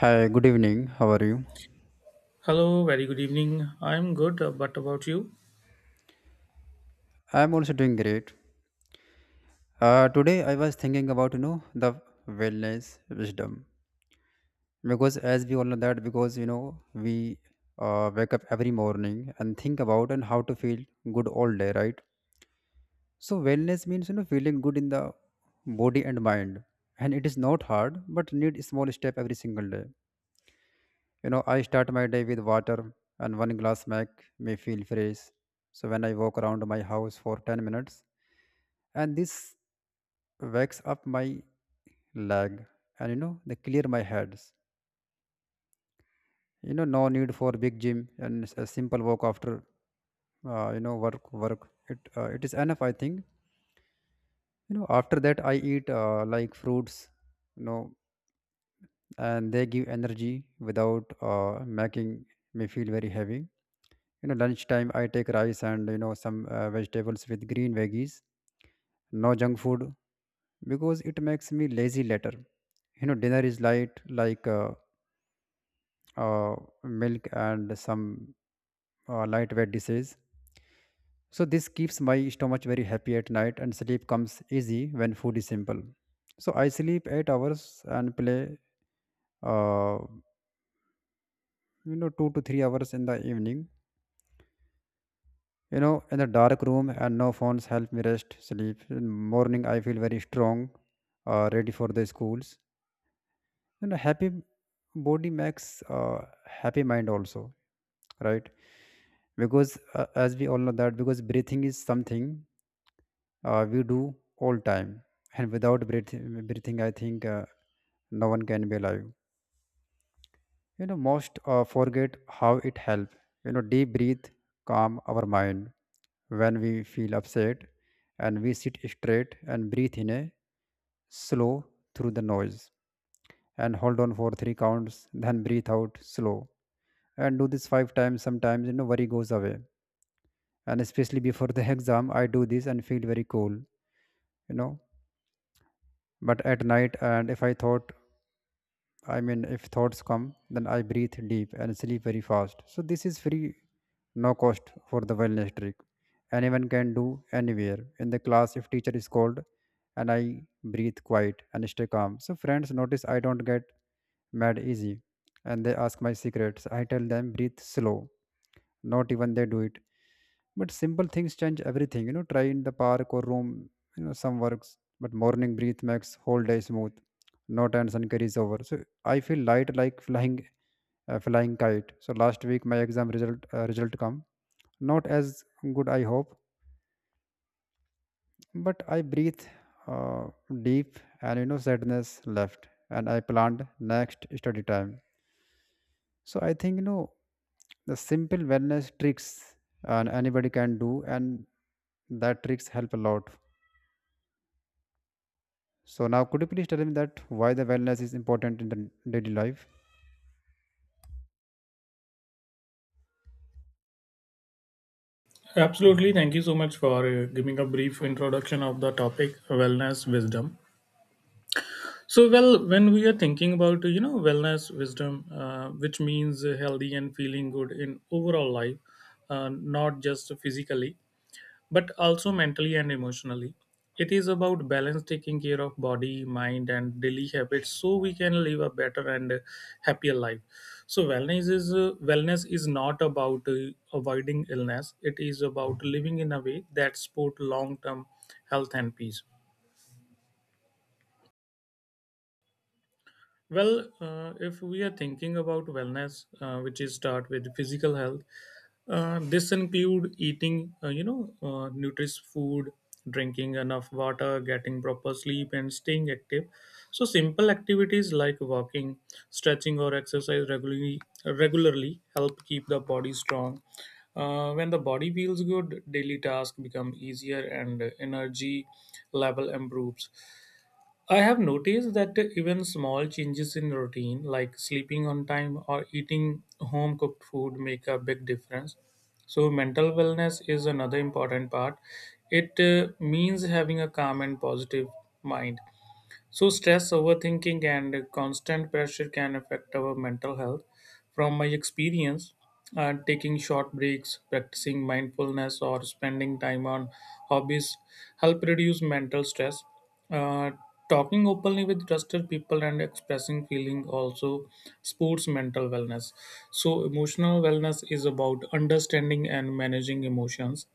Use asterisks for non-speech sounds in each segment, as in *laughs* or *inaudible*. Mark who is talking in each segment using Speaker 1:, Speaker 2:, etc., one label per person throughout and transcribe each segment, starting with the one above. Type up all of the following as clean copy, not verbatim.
Speaker 1: Hi, good evening. How are you?
Speaker 2: Hello, very good evening. I'm good, but about you?
Speaker 1: I'm also doing great. Today I was thinking about the wellness wisdom, because as we all know that, because you know we wake up every morning and think about and how to feel good all day, right? So wellness means feeling good in the body and mind, and it is not hard but need small step every single day. I start my day with water, and one glass make me feel fresh. So when I walk around my house for 10 minutes, and this wakes up my leg, and they clear my heads. No need for big gym, and a simple walk after work, it is enough I think. After that I eat like fruits, you know and they give energy without making me feel very heavy. Lunchtime I take rice, and some vegetables with green veggies. No junk food, because it makes me lazy later. Dinner is light, like uh, milk and some lightweight dishes. So this keeps my stomach very happy at night, and sleep comes easy when food is simple. So I sleep 8 hours and play uh, 2 to 3 hours in the evening, in the dark room, and no phones help me rest sleep in morning. I feel very strong, ready for the schools. Happy body makes uh, happy mind also, right? Because as we all know that, because breathing is something we do all time, and without breathing, I think no one can be alive. Most forget how it help. Deep breathe calm our mind when we feel upset, and we sit straight and breathe in a slow through the noise, and hold on for 3 counts, then breathe out slow, and do this 5 times. Sometimes worry goes away. And especially before the *laughs* exam I do this and feel very cool, you know but at night, and if I thought, I mean, if thoughts come, then I breathe deep and sleep very fast. So this is free, no cost for the wellness trick. Anyone can do anywhere in the class if teacher is called, and I breathe quiet and stay calm. So friends notice I don't get mad easy, and they ask my secrets. I tell them breathe slow, not even they do it, but simple things change everything. Try in the park or room. Some works, but morning breath makes whole day smooth. No tension carries over, so I feel light like flying, flying kite. So last week my exam result, come not as good I hope, but I breathe uh, deep, and sadness left, and I planned next study time. So I think the simple wellness tricks, and anybody can do, and that tricks help a lot. So now, could you please tell me that why the wellness is important in the daily life?
Speaker 2: Absolutely. Thank you so much for giving a brief introduction of the topic wellness wisdom. So, well, when we are thinking about wellness wisdom, which means healthy and feeling good in overall life, uh, not just physically. But also mentally and emotionally. It is about balance, taking care of body, mind, and daily habits, so we can live a better and happier life. So wellness is not about avoiding illness. It is about living in a way that support long term health and peace. Well, if we are thinking about wellness, which is start with physical health, this include eating, nutritious food, drinking enough water, getting proper sleep, and staying active. So simple activities like walking, stretching, or exercise regularly help keep the body strong. When the body feels good, daily tasks become easier and energy level improves. I have noticed that even small changes in routine, like sleeping on time or eating home cooked food, make a big difference. So, mental wellness is another important part. It means having a calm and positive mind. So, stress, overthinking, and constant pressure can affect our mental health. From my experience, taking short breaks, practicing mindfulness, or spending time on hobbies help reduce mental stress. Uh, talking openly with trusted people and expressing feeling also supports mental wellness. So, emotional wellness is about understanding and managing emotions.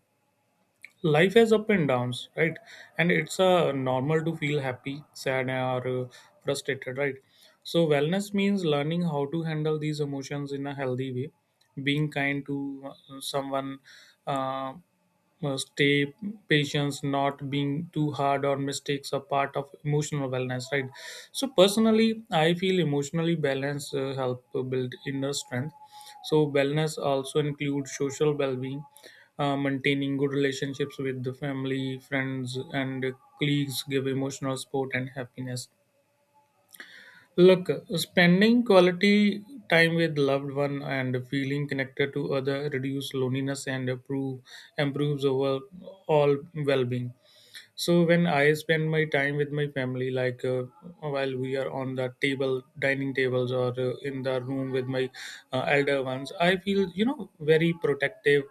Speaker 2: Life has up and downs, right? And it's normal to feel happy, sad, or frustrated, right? So wellness means learning how to handle these emotions in a healthy way, being kind to someone, uh, stay patient, not being too hard or mistakes are part of emotional wellness, right? So personally, I feel emotionally balance help build inner strength. So wellness also includes social well-being, maintaining good relationships with the family, friends, and colleagues give emotional support and happiness. Look, spending quality time with loved one and feeling connected to other reduce loneliness and improves overall well-being. So when I spend my time with my family, like while we are on the table, dining tables, or in the room with my elder ones, I feel very protective.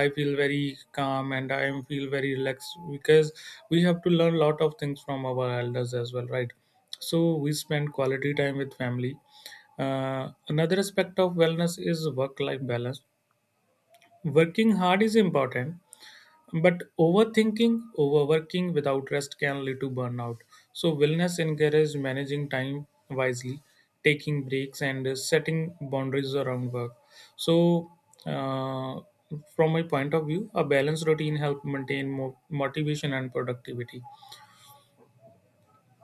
Speaker 2: I feel very calm and I am feel very relaxed because we have to learn a lot of things from our elders as well, right? So we spend quality time with family. Another aspect of wellness is work-life balance. Working hard is important, but overthinking, overworking without rest can lead to burnout. So, wellness encourages managing time wisely, taking breaks, and setting boundaries around work. So, uh, from my point of view, a balanced routine helps maintain motivation and productivity.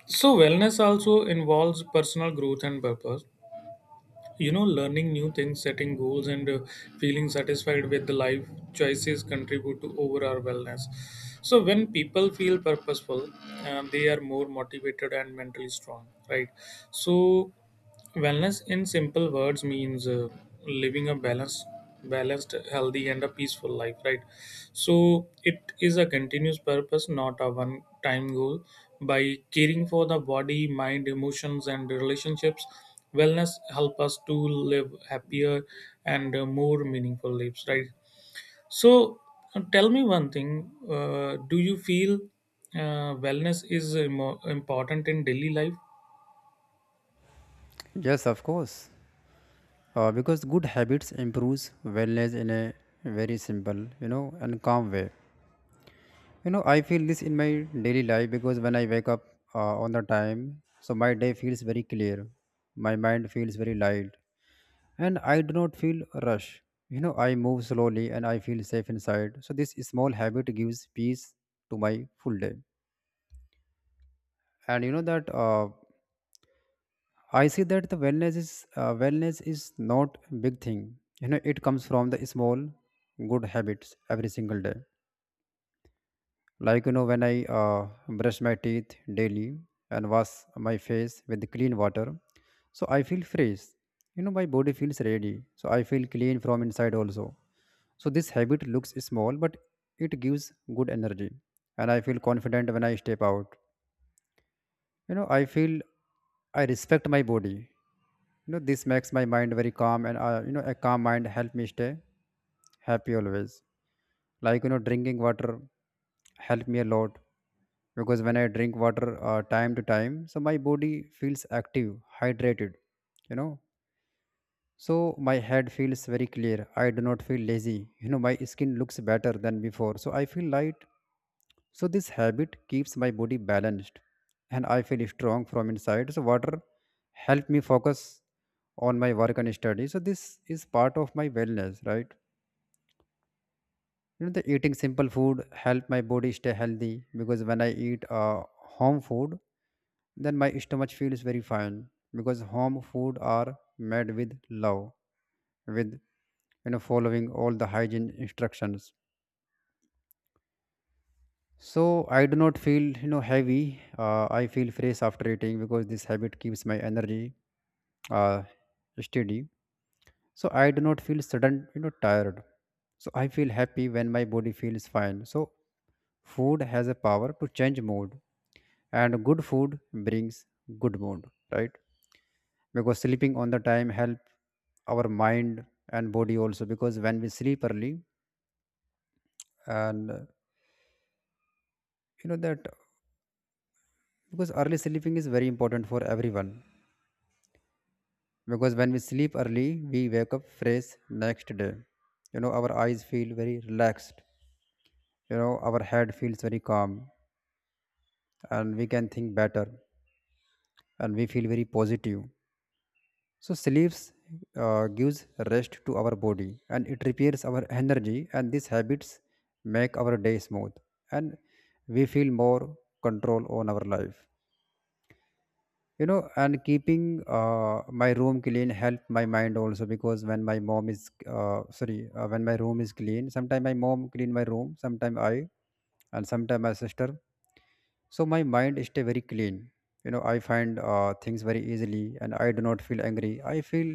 Speaker 2: So, wellness also involves personal growth and purpose, learning new things, setting goals, and feeling satisfied with the life choices contribute to overall wellness. So when people feel purposeful, they are more motivated and mentally strong, right? So wellness in simple words means living a balanced healthy and a peaceful life, right? So it is a continuous purpose, not a one time goal, by caring for the body, mind, emotions, and relationships. Wellness help us to live happier and more meaningful lives, right? So tell me one thing, do you feel wellness is important in daily life?
Speaker 1: Yes, of course. Because good habits improves wellness in a very simple, and calm way. I feel this in my daily life because when I wake up on the time, so my day feels very clear. My mind feels very light, and I do not feel rush. I move slowly and I feel safe inside. So this small habit gives peace to my full day. And you know that I see that the wellness is not big thing. You know, it comes from the small good habits every single day. Like when I brush my teeth daily and wash my face with clean water, so I feel fresh. My body feels ready, so I feel clean from inside also. So this habit looks small, but it gives good energy, and I feel confident when I step out. I feel I respect my body. This makes my mind very calm, and a calm mind help me stay happy always. Like drinking water help me a lot, because when I drink water time to time, so my body feels active, hydrated. You know, so my head feels very clear. I do not feel lazy. My skin looks better than before. So I feel light. So this habit keeps my body balanced, and I feel strong from inside. So water help me focus on my work and study. So this is part of my wellness, right? The eating simple food help my body stay healthy, because when I eat home food, then my stomach feels very fine, because home food are made with love, with following all the hygiene instructions. So I do not feel heavy. I feel fresh after eating, because this habit keeps my energy uh, steady. So I do not feel sudden tired. So I feel happy when my body feels fine. So food has a power to change mood, and good food brings good mood, right? Because sleeping on the time help our mind and body also, because when we sleep early and you know that, because early sleeping is very important for everyone, because when we sleep early, we wake up fresh next day. Our eyes feel very relaxed. Our head feels very calm, and we can think better, and we feel very positive. So sleeps gives rest to our body, and it repairs our energy, and these habits make our day smooth, and we feel more control on our life. And keeping my room clean help my mind also, because when my mom is sorry, when my room is clean, sometimes my mom clean my room, sometimes I, and sometimes my sister. So my mind stay very clean. I find things very easily, and I do not feel angry. I feel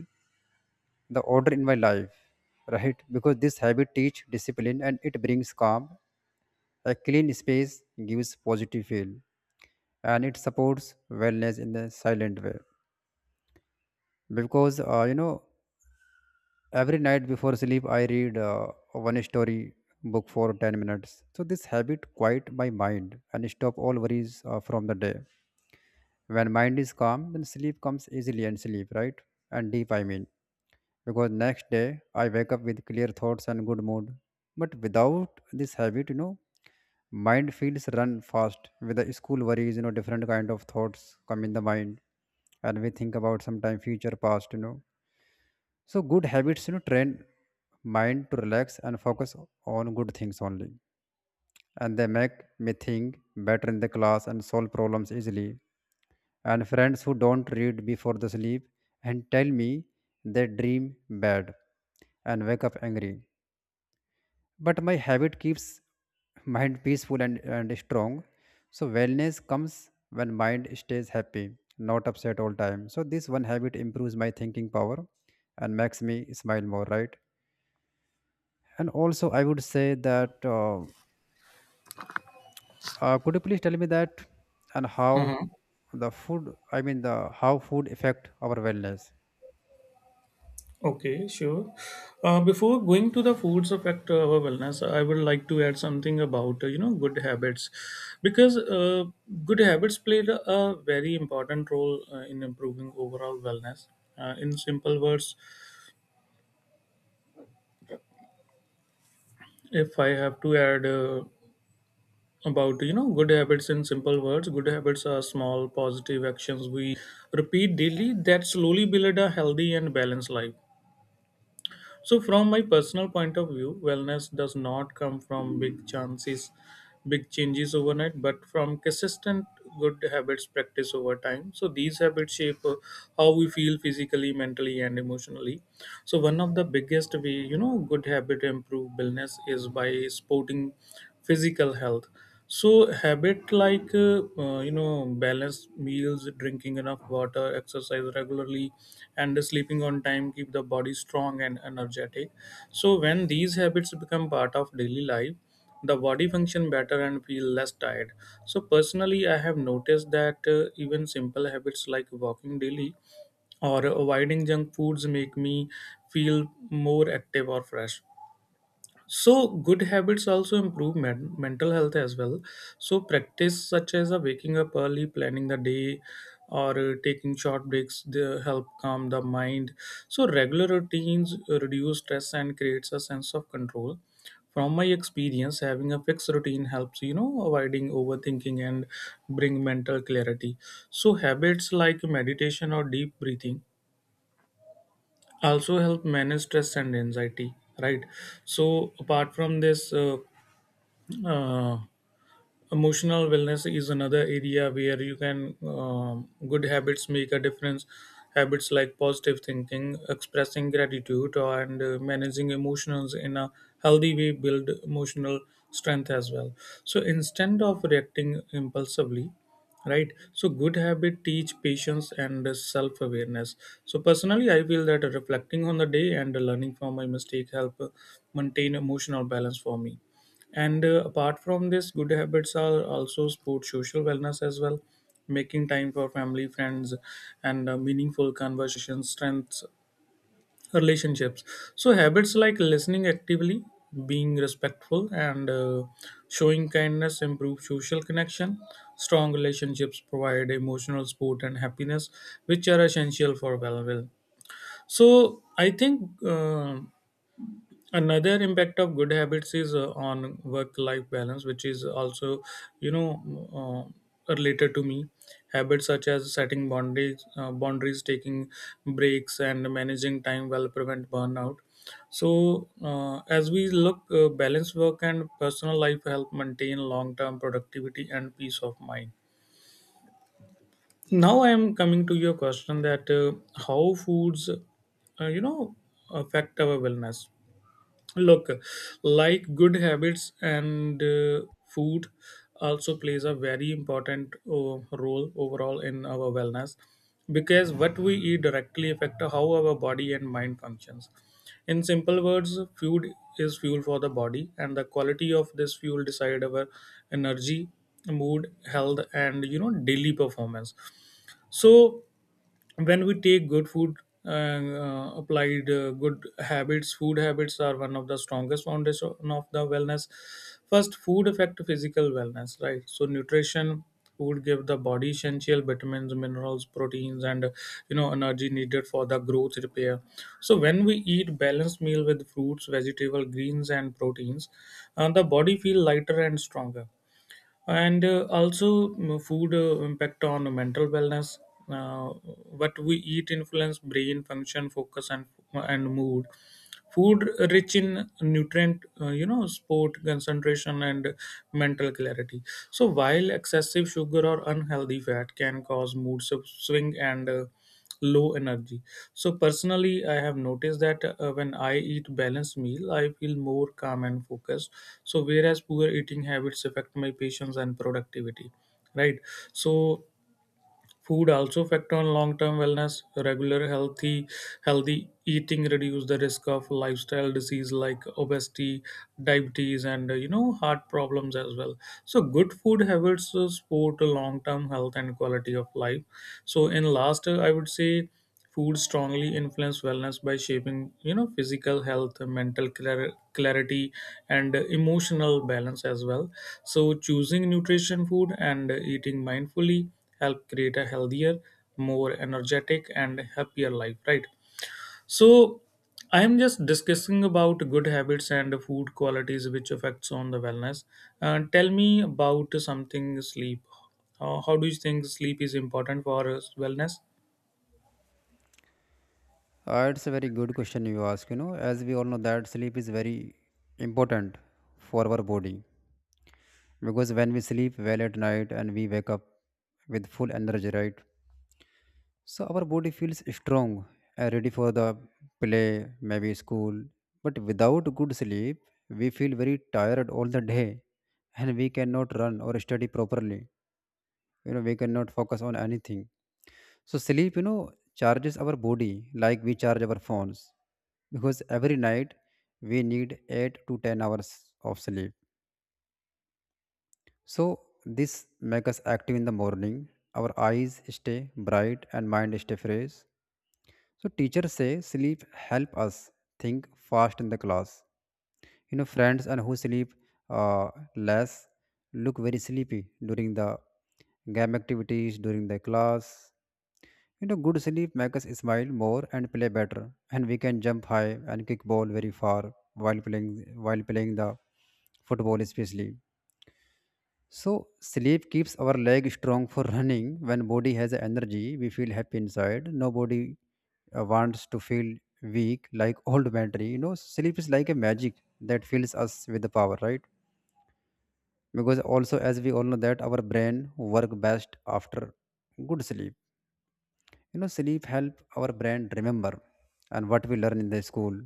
Speaker 1: the order in my life, right? Because this habit teach discipline, and it brings calm. A clean space gives positive feel, and it supports wellness in a silent way. Because every night before sleep, I read one story book for 10 minutes. So this habit quiet my mind and stop all worries from the day. When mind is calm, then sleep comes easily and sleep, right? And deep, I mean. Because next day, I wake up with clear thoughts and good mood. But without this habit, mind feels run fast with the school worries. You know, different kind of thoughts come in the mind. And we think about sometime future, past, you know. So good habits, train mind to relax and focus on good things only. And they make me think better in the class and solve problems easily. And friends who don't read before the sleep and tell me they dream bad and wake up angry. But my habit keeps mind peaceful and strong. So wellness comes when mind stays happy, not upset all time. So this one habit improves my thinking power and makes me smile more, right? And also I would say that could you please tell me that and how
Speaker 2: Mhm.
Speaker 1: the food, I mean the how food affect our wellness?
Speaker 2: Okay, sure. Before going to the foods affect our wellness, I would like to add something about good habits, because good habits played a very important role in improving overall wellness. In simple words, if I have to add about good habits in simple words, good habits are small positive actions we repeat daily that slowly build a healthy and balanced life. So, from my personal point of view, wellness does not come from big changes overnight, but from consistent good habits practice over time. So these habits shape how we feel physically, mentally, and emotionally. So one of the biggest way, good habit improve wellness is by sporting physical health. So habit like balanced meals, drinking enough water, exercise regularly, and sleeping on time keep the body strong and energetic. So when these habits become part of daily life, the body function better and feel less tired. So personally, I have noticed that even simple habits like walking daily or avoiding junk foods make me feel more active or fresh. So, good habits also improve mental health as well. So, practice such as a waking up early, planning the day, or taking short breaks they help calm the mind. So, regular routines reduce stress and creates a sense of control. From my experience, having a fixed routine helps avoiding overthinking and bring mental clarity. So, habits like meditation or deep breathing also help manage stress and anxiety. Right. So, apart from this. Uh, Emotional wellness is another area where you can good habits make a difference. Habits like positive thinking, expressing gratitude, and managing emotions in a healthy way build emotional strength as well. So instead of reacting impulsively, right. So good habit teach patience and self awareness. So personally, I feel that reflecting on the day and learning from my mistake help maintain emotional balance for me. And apart from this, good habits are also support social wellness as well. Making time for family, friends, and meaningful conversations strengths relationships. So habits like listening actively, being respectful, and showing kindness improve social connection. Strong relationships provide emotional support and happiness, which are essential for well-being. So I think. Another impact of good habits is on work life balance, which is also you know related to me. Habits such as setting boundaries, taking breaks, and managing time well prevent burnout. So as we look, balance work and personal life help maintain long term productivity and peace of mind. Now I am coming to your question, that how foods, affect our wellness. Look, like good habits and food also plays a very important role overall in our wellness, because what we eat directly affect how our body and mind functions. In simple words, food is fuel for the body and the quality of this fuel decide our energy, mood, health and daily performance. So when we take good food and applied good habits, food habits are one of the strongest foundation of the wellness. First, food affect physical wellness, right? So nutrition food give the body essential vitamins, minerals, proteins, and energy needed for the growth repair. So when we eat balanced meal with fruits, vegetable greens, and proteins, the body feel lighter and stronger. And also, food impact on mental wellness. Uh, what we eat influence brain function, focus, and mood. Food rich in nutrient, sport concentration and mental clarity. So while excessive sugar or unhealthy fat can cause mood swing and low energy. So personally, I have noticed that when I eat balanced meal I feel more calm and focused, so whereas poor eating habits affect my patience and productivity, right. So food also affect on long-term wellness. Regular healthy eating reduce the risk of lifestyle disease like obesity, diabetes, and heart problems as well. So good food habits support a long-term health and quality of life. So in last, I would say. Food strongly influence wellness by shaping, physical health, mental clarity, and emotional balance as well. So choosing nutrition food and eating mindfully help create a healthier, more energetic, and happier life. Right. So I am just discussing about good habits and food qualities which affects on the wellness. Tell me about something sleep. How do you think sleep is important for wellness?
Speaker 1: It's a very good question you ask. You know, as we all know that sleep is very important for our body, because when we sleep well at night, and we wake up with full energy, right? So our body feels strong and ready for the play, maybe school. But without good sleep, we feel very tired all the day, and we cannot run or study properly. You know, we cannot focus on anything. So sleep, you know, charges our body like we charge our phones, because every night we need 8 to 10 hours of sleep. So this makes us active in the morning. Our eyes stay bright and mind stay fresh. So teachers say sleep help us think fast in the class. You know, friends and who sleep uh, less look very sleepy during the game activities during the class. You know, good sleep makes us smile more and play better, and we can jump high and kick ball very far while playing, the football especially. So sleep keeps our leg strong for running. When body has energy, we feel happy inside. Nobody wants to feel weak like old battery. You know, sleep is like a magic that fills us with the power, right? Because also, as we all know, that our brain work best after good sleep. You know, sleep help our brain remember and what we learn in the school.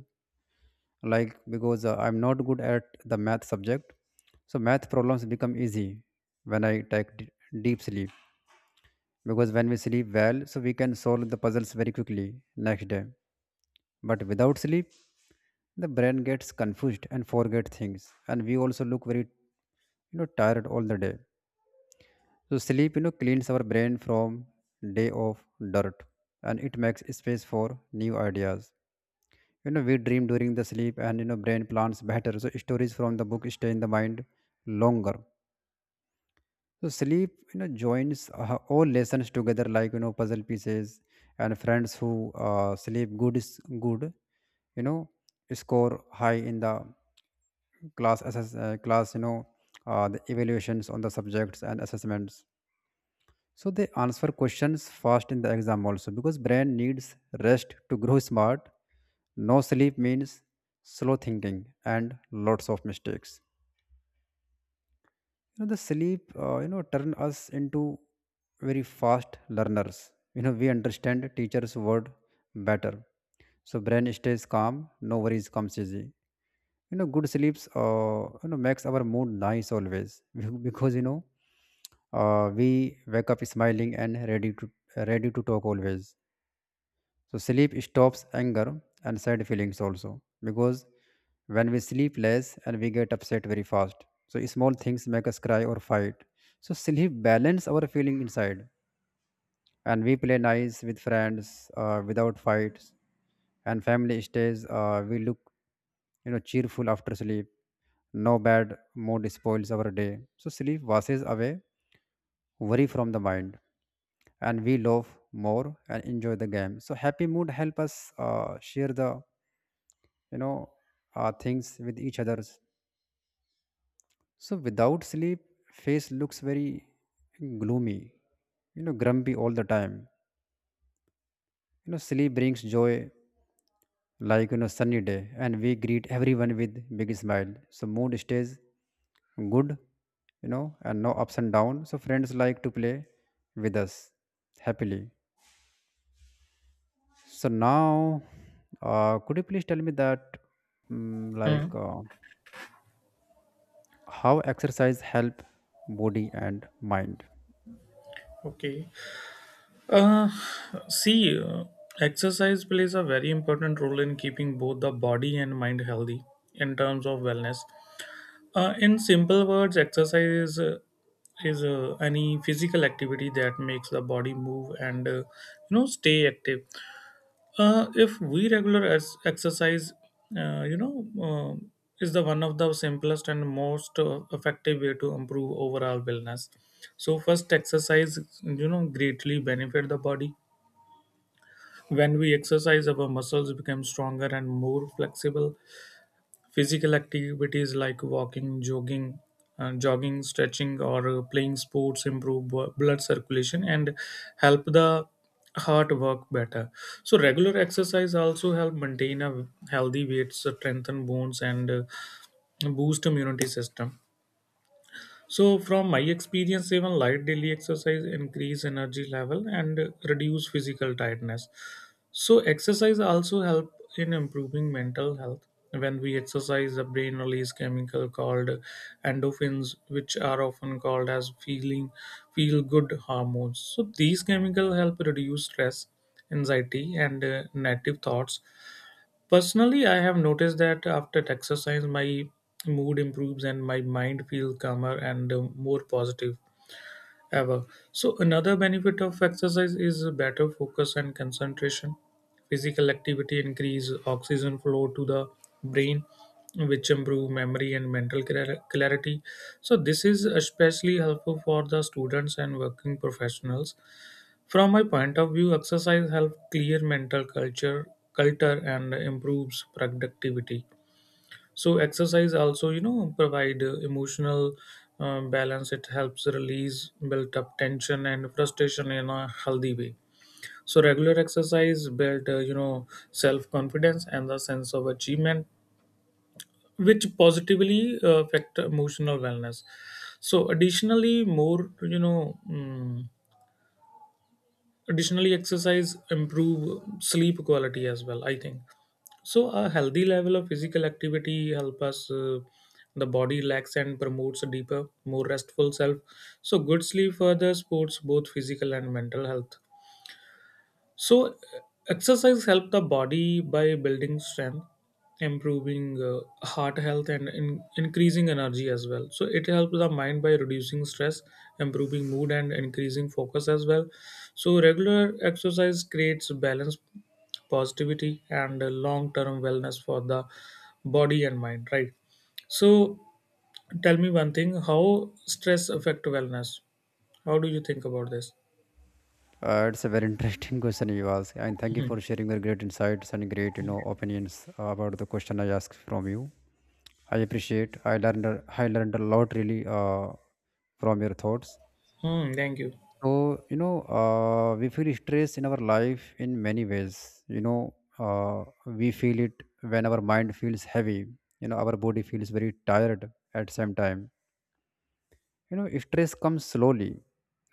Speaker 1: Because I'm not good at the math subject, so math problems become easy when I take deep sleep, because when we sleep well so we can solve the puzzles very quickly next day. But without sleep the brain gets confused and forget things, and we also look very, tired all the day. So sleep, cleans our brain from day of dirt, and it makes space for new ideas. You know, we dream during the sleep, and brain plans better, so stories from the book stay in the mind longer. So sleep, you know, joins all lessons together like, you know, puzzle pieces, and friends who sleep good is good, you know, score high in the class, you know, the evaluations on the subjects and assessments. So they answer questions fast in the exam also, because brain needs rest to grow smart. No sleep means slow thinking and lots of mistakes. You know, the sleep, you know, turn us into very fast learners. You know, we understand teacher's word better, so brain stays calm, no worries, comes easy. You know, good sleeps, you know, makes our mood nice always *laughs* because, you know, we wake up smiling and ready to ready to talk always. So sleep stops anger and sad feelings also, because when we sleep less and we get upset very fast. So small things make us cry or fight. So sleep balance our feeling inside, and we play nice with friends without fights, and family stays we look, you know, cheerful after sleep. No bad mood spoils our day. So sleep washes away worry from the mind, and we love more and enjoy the game. So happy mood help us share the, you know things with each others. So without sleep, face looks very gloomy, you know, grumpy all the time. You know, sleep brings joy, like, you know, sunny day, and we greet everyone with big smile, so mood stays good, you know, and no ups and down, so friends like to play with us happily. So now, could you please tell me that, mm, like,
Speaker 2: Hmm.
Speaker 1: uh, how exercise help body and mind?
Speaker 2: Okay. See, exercise plays a very important role in keeping both the body and mind healthy in terms of wellness. In simple words, exercise is any physical activity that makes the body move and stay active. If we regular as exercise, uh, you know, um is the one of the simplest and most effective way to improve overall wellness. So first, exercise greatly benefit the body. When we exercise, our muscles become stronger and more flexible. Physical activities like walking, jogging, stretching, or playing sports improve blood circulation and help the heart work better. So regular exercise also help maintain a healthy weight, strengthen bones, and boost immunity system. So, from my experience, even light daily exercise increase energy level and reduce physical tiredness. So, exercise also help in improving mental health. When we exercise, the brain release chemical called endorphins, which are often called as feel good hormones. So, these chemical help reduce stress, anxiety, and negative thoughts. Personally, I have noticed that after exercise, my mood improves and my mind feels calmer and more positive ever. So, another benefit of exercise is better focus and concentration. Physical activity increase oxygen flow to the brain, which improve memory and mental clarity. So, this is especially helpful for the students and working professionals. From my point of view, exercise helps clear mental culture and improves productivity. So exercise also provide emotional balance. It helps release built up tension and frustration in a healthy way. So regular exercise build self confidence and the sense of achievement, which positively affect emotional wellness. So additionally more you know mm, additionally exercise improve sleep quality as well, I think. So a healthy level of physical activity help us, the body relax and promotes a deeper more restful self. So good sleep further supports both physical and mental health. So, exercise helps the body by building strength, improving heart health, and increasing energy as well. So, it helps the mind by reducing stress, improving mood, and increasing focus as well. So, regular exercise creates balance, positivity, and long term wellness for the body and mind, right? So, tell me one thing, how stress affect wellness? How do you think about this?
Speaker 1: It's a very *laughs* interesting question you ask, and thank you
Speaker 2: Hmm.
Speaker 1: for sharing your great insights and great, you know, opinions about the question I asked from you. I appreciate. I learned. I learned a lot, really, from your thoughts.
Speaker 2: Hmm, thank you.
Speaker 1: So, you know, we feel stress in our life in many ways. You know, we feel it when our mind feels heavy. You know, our body feels very tired at same time. You know, stress comes slowly,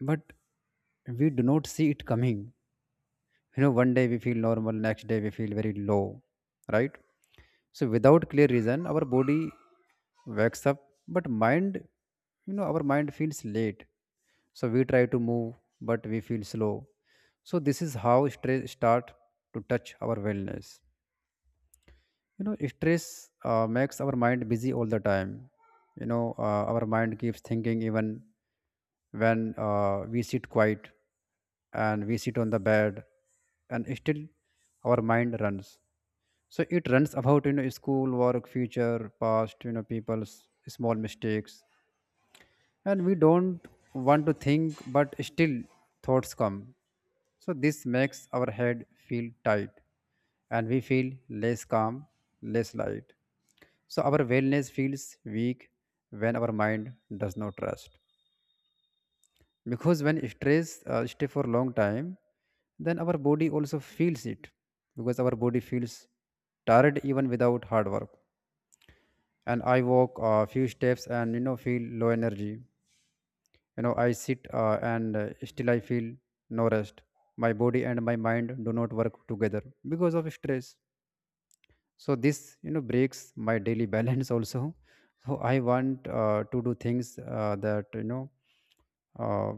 Speaker 1: but we do not see it coming. You know, one day we feel normal, next day we feel very low, right? So without clear reason our body wakes up, but mind, you know, our mind feels late. So we try to move, but we feel slow. So this is how stress start to touch our wellness. You know, stress, makes our mind busy all the time. You know, our mind keeps thinking even when we sit quiet, and we sit on the bed, and still our mind runs. So it runs about, you know, school work, future, past, you know, people's small mistakes, and we don't want to think, but still thoughts come. So this makes our head feel tight, and we feel less calm, less light. So our wellness feels weak when our mind does not rest. Because when stress stay for a long time, then our body also feels it. Because our body feels tired even without hard work, and I walk a few steps and, you know, feel low energy. You know, I sit and still I feel no rest. My body and my mind do not work together because of stress. So this, you know, breaks my daily *laughs* balance also. So I want to do things that, you know, uh,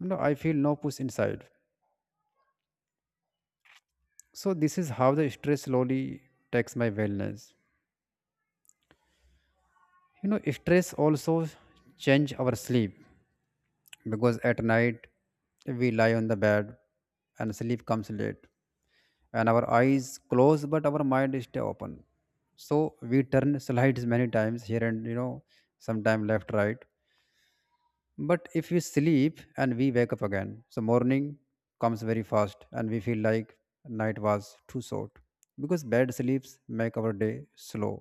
Speaker 1: you know, I feel no push inside. So this is how the stress slowly takes my wellness. You know, stress also change our sleep, because at night we lie on the bed and sleep comes late, and our eyes close but our mind stay open. So we turn slides many times here and, you know, sometime left, right. But if we sleep and we wake up again, so morning comes very fast, and we feel like night was too short, because bad sleeps make our day slow.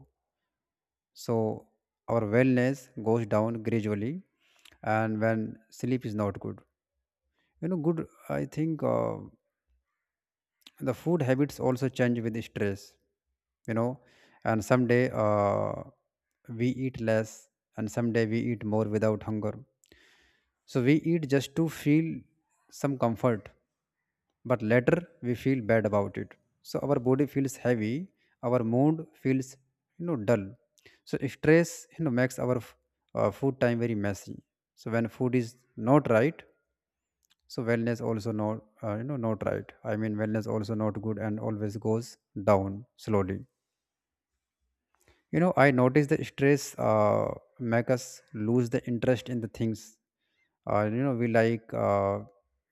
Speaker 1: So our wellness goes down gradually. And when sleep is not good, you know, good, I think, the food habits also change with stress, you know. And someday we eat less, and someday we eat more without hunger. So we eat just to feel some comfort, but later we feel bad about it. So our body feels heavy, our mood feels, you know, dull. So stress, you know, makes our food time very messy. So when food is not right, so wellness also not not right. I mean, wellness also not good, and always goes down slowly. You know, I notice that stress uh, make us lose the interest in the things you know, we like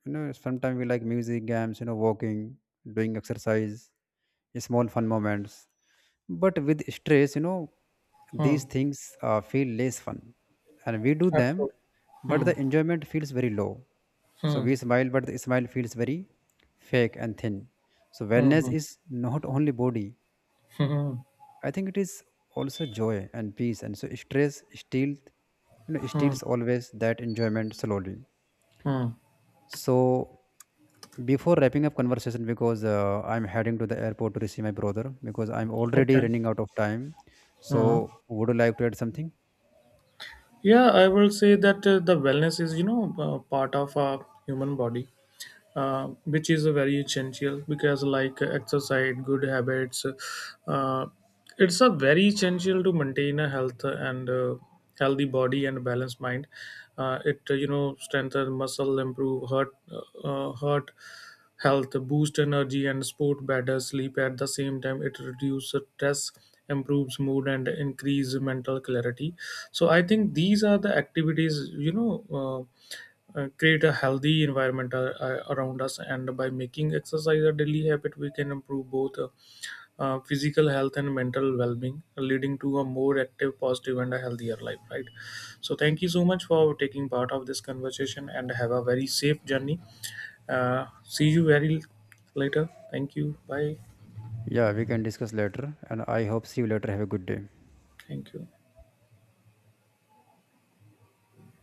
Speaker 1: you know, sometimes we like music, games, you know, walking, doing exercise, small fun moments. But with stress, you know,
Speaker 2: Hmm,
Speaker 1: these things feel less fun, and we do them,
Speaker 2: absolutely.
Speaker 1: but
Speaker 2: Hmm.
Speaker 1: the enjoyment feels very low. So
Speaker 2: Hmm.
Speaker 1: we smile, but the smile feels very fake and thin. So
Speaker 2: Hmm.
Speaker 1: wellness
Speaker 2: Hmm.
Speaker 1: is not only body,
Speaker 2: Hmm.
Speaker 1: I think it is also joy and peace, and so stress steals, you know,
Speaker 2: Hmm. Hmm.
Speaker 1: steals always that enjoyment slowly.
Speaker 2: Hmm.
Speaker 1: So before wrapping up conversation, because I'm heading to the airport to receive my brother, because I'm already
Speaker 2: Okay.
Speaker 1: running out of time.
Speaker 2: Hmm.
Speaker 1: So would you like to add something?
Speaker 2: Yeah, I will say that the wellness is, part of our human body, which is very essential because, like, exercise, good habits, uh, it's a very essential to maintain a health and healthy body and balanced mind. It strengthen muscle, improve heart health, boost energy and support better sleep. At the same time, it reduces stress, improves mood, and increase mental clarity. So I think these are the activities. Uh, Create a healthy environment around us, and by making exercise a daily habit we can improve both physical health and mental well-being, leading to a more active, positive, and a healthier life, right. So thank you so much for taking part of this conversation and have a very safe journey. See you very later. Thank you. Bye.
Speaker 1: Yeah, we can discuss later, and I hope see you later. Have a good day.
Speaker 2: Thank you.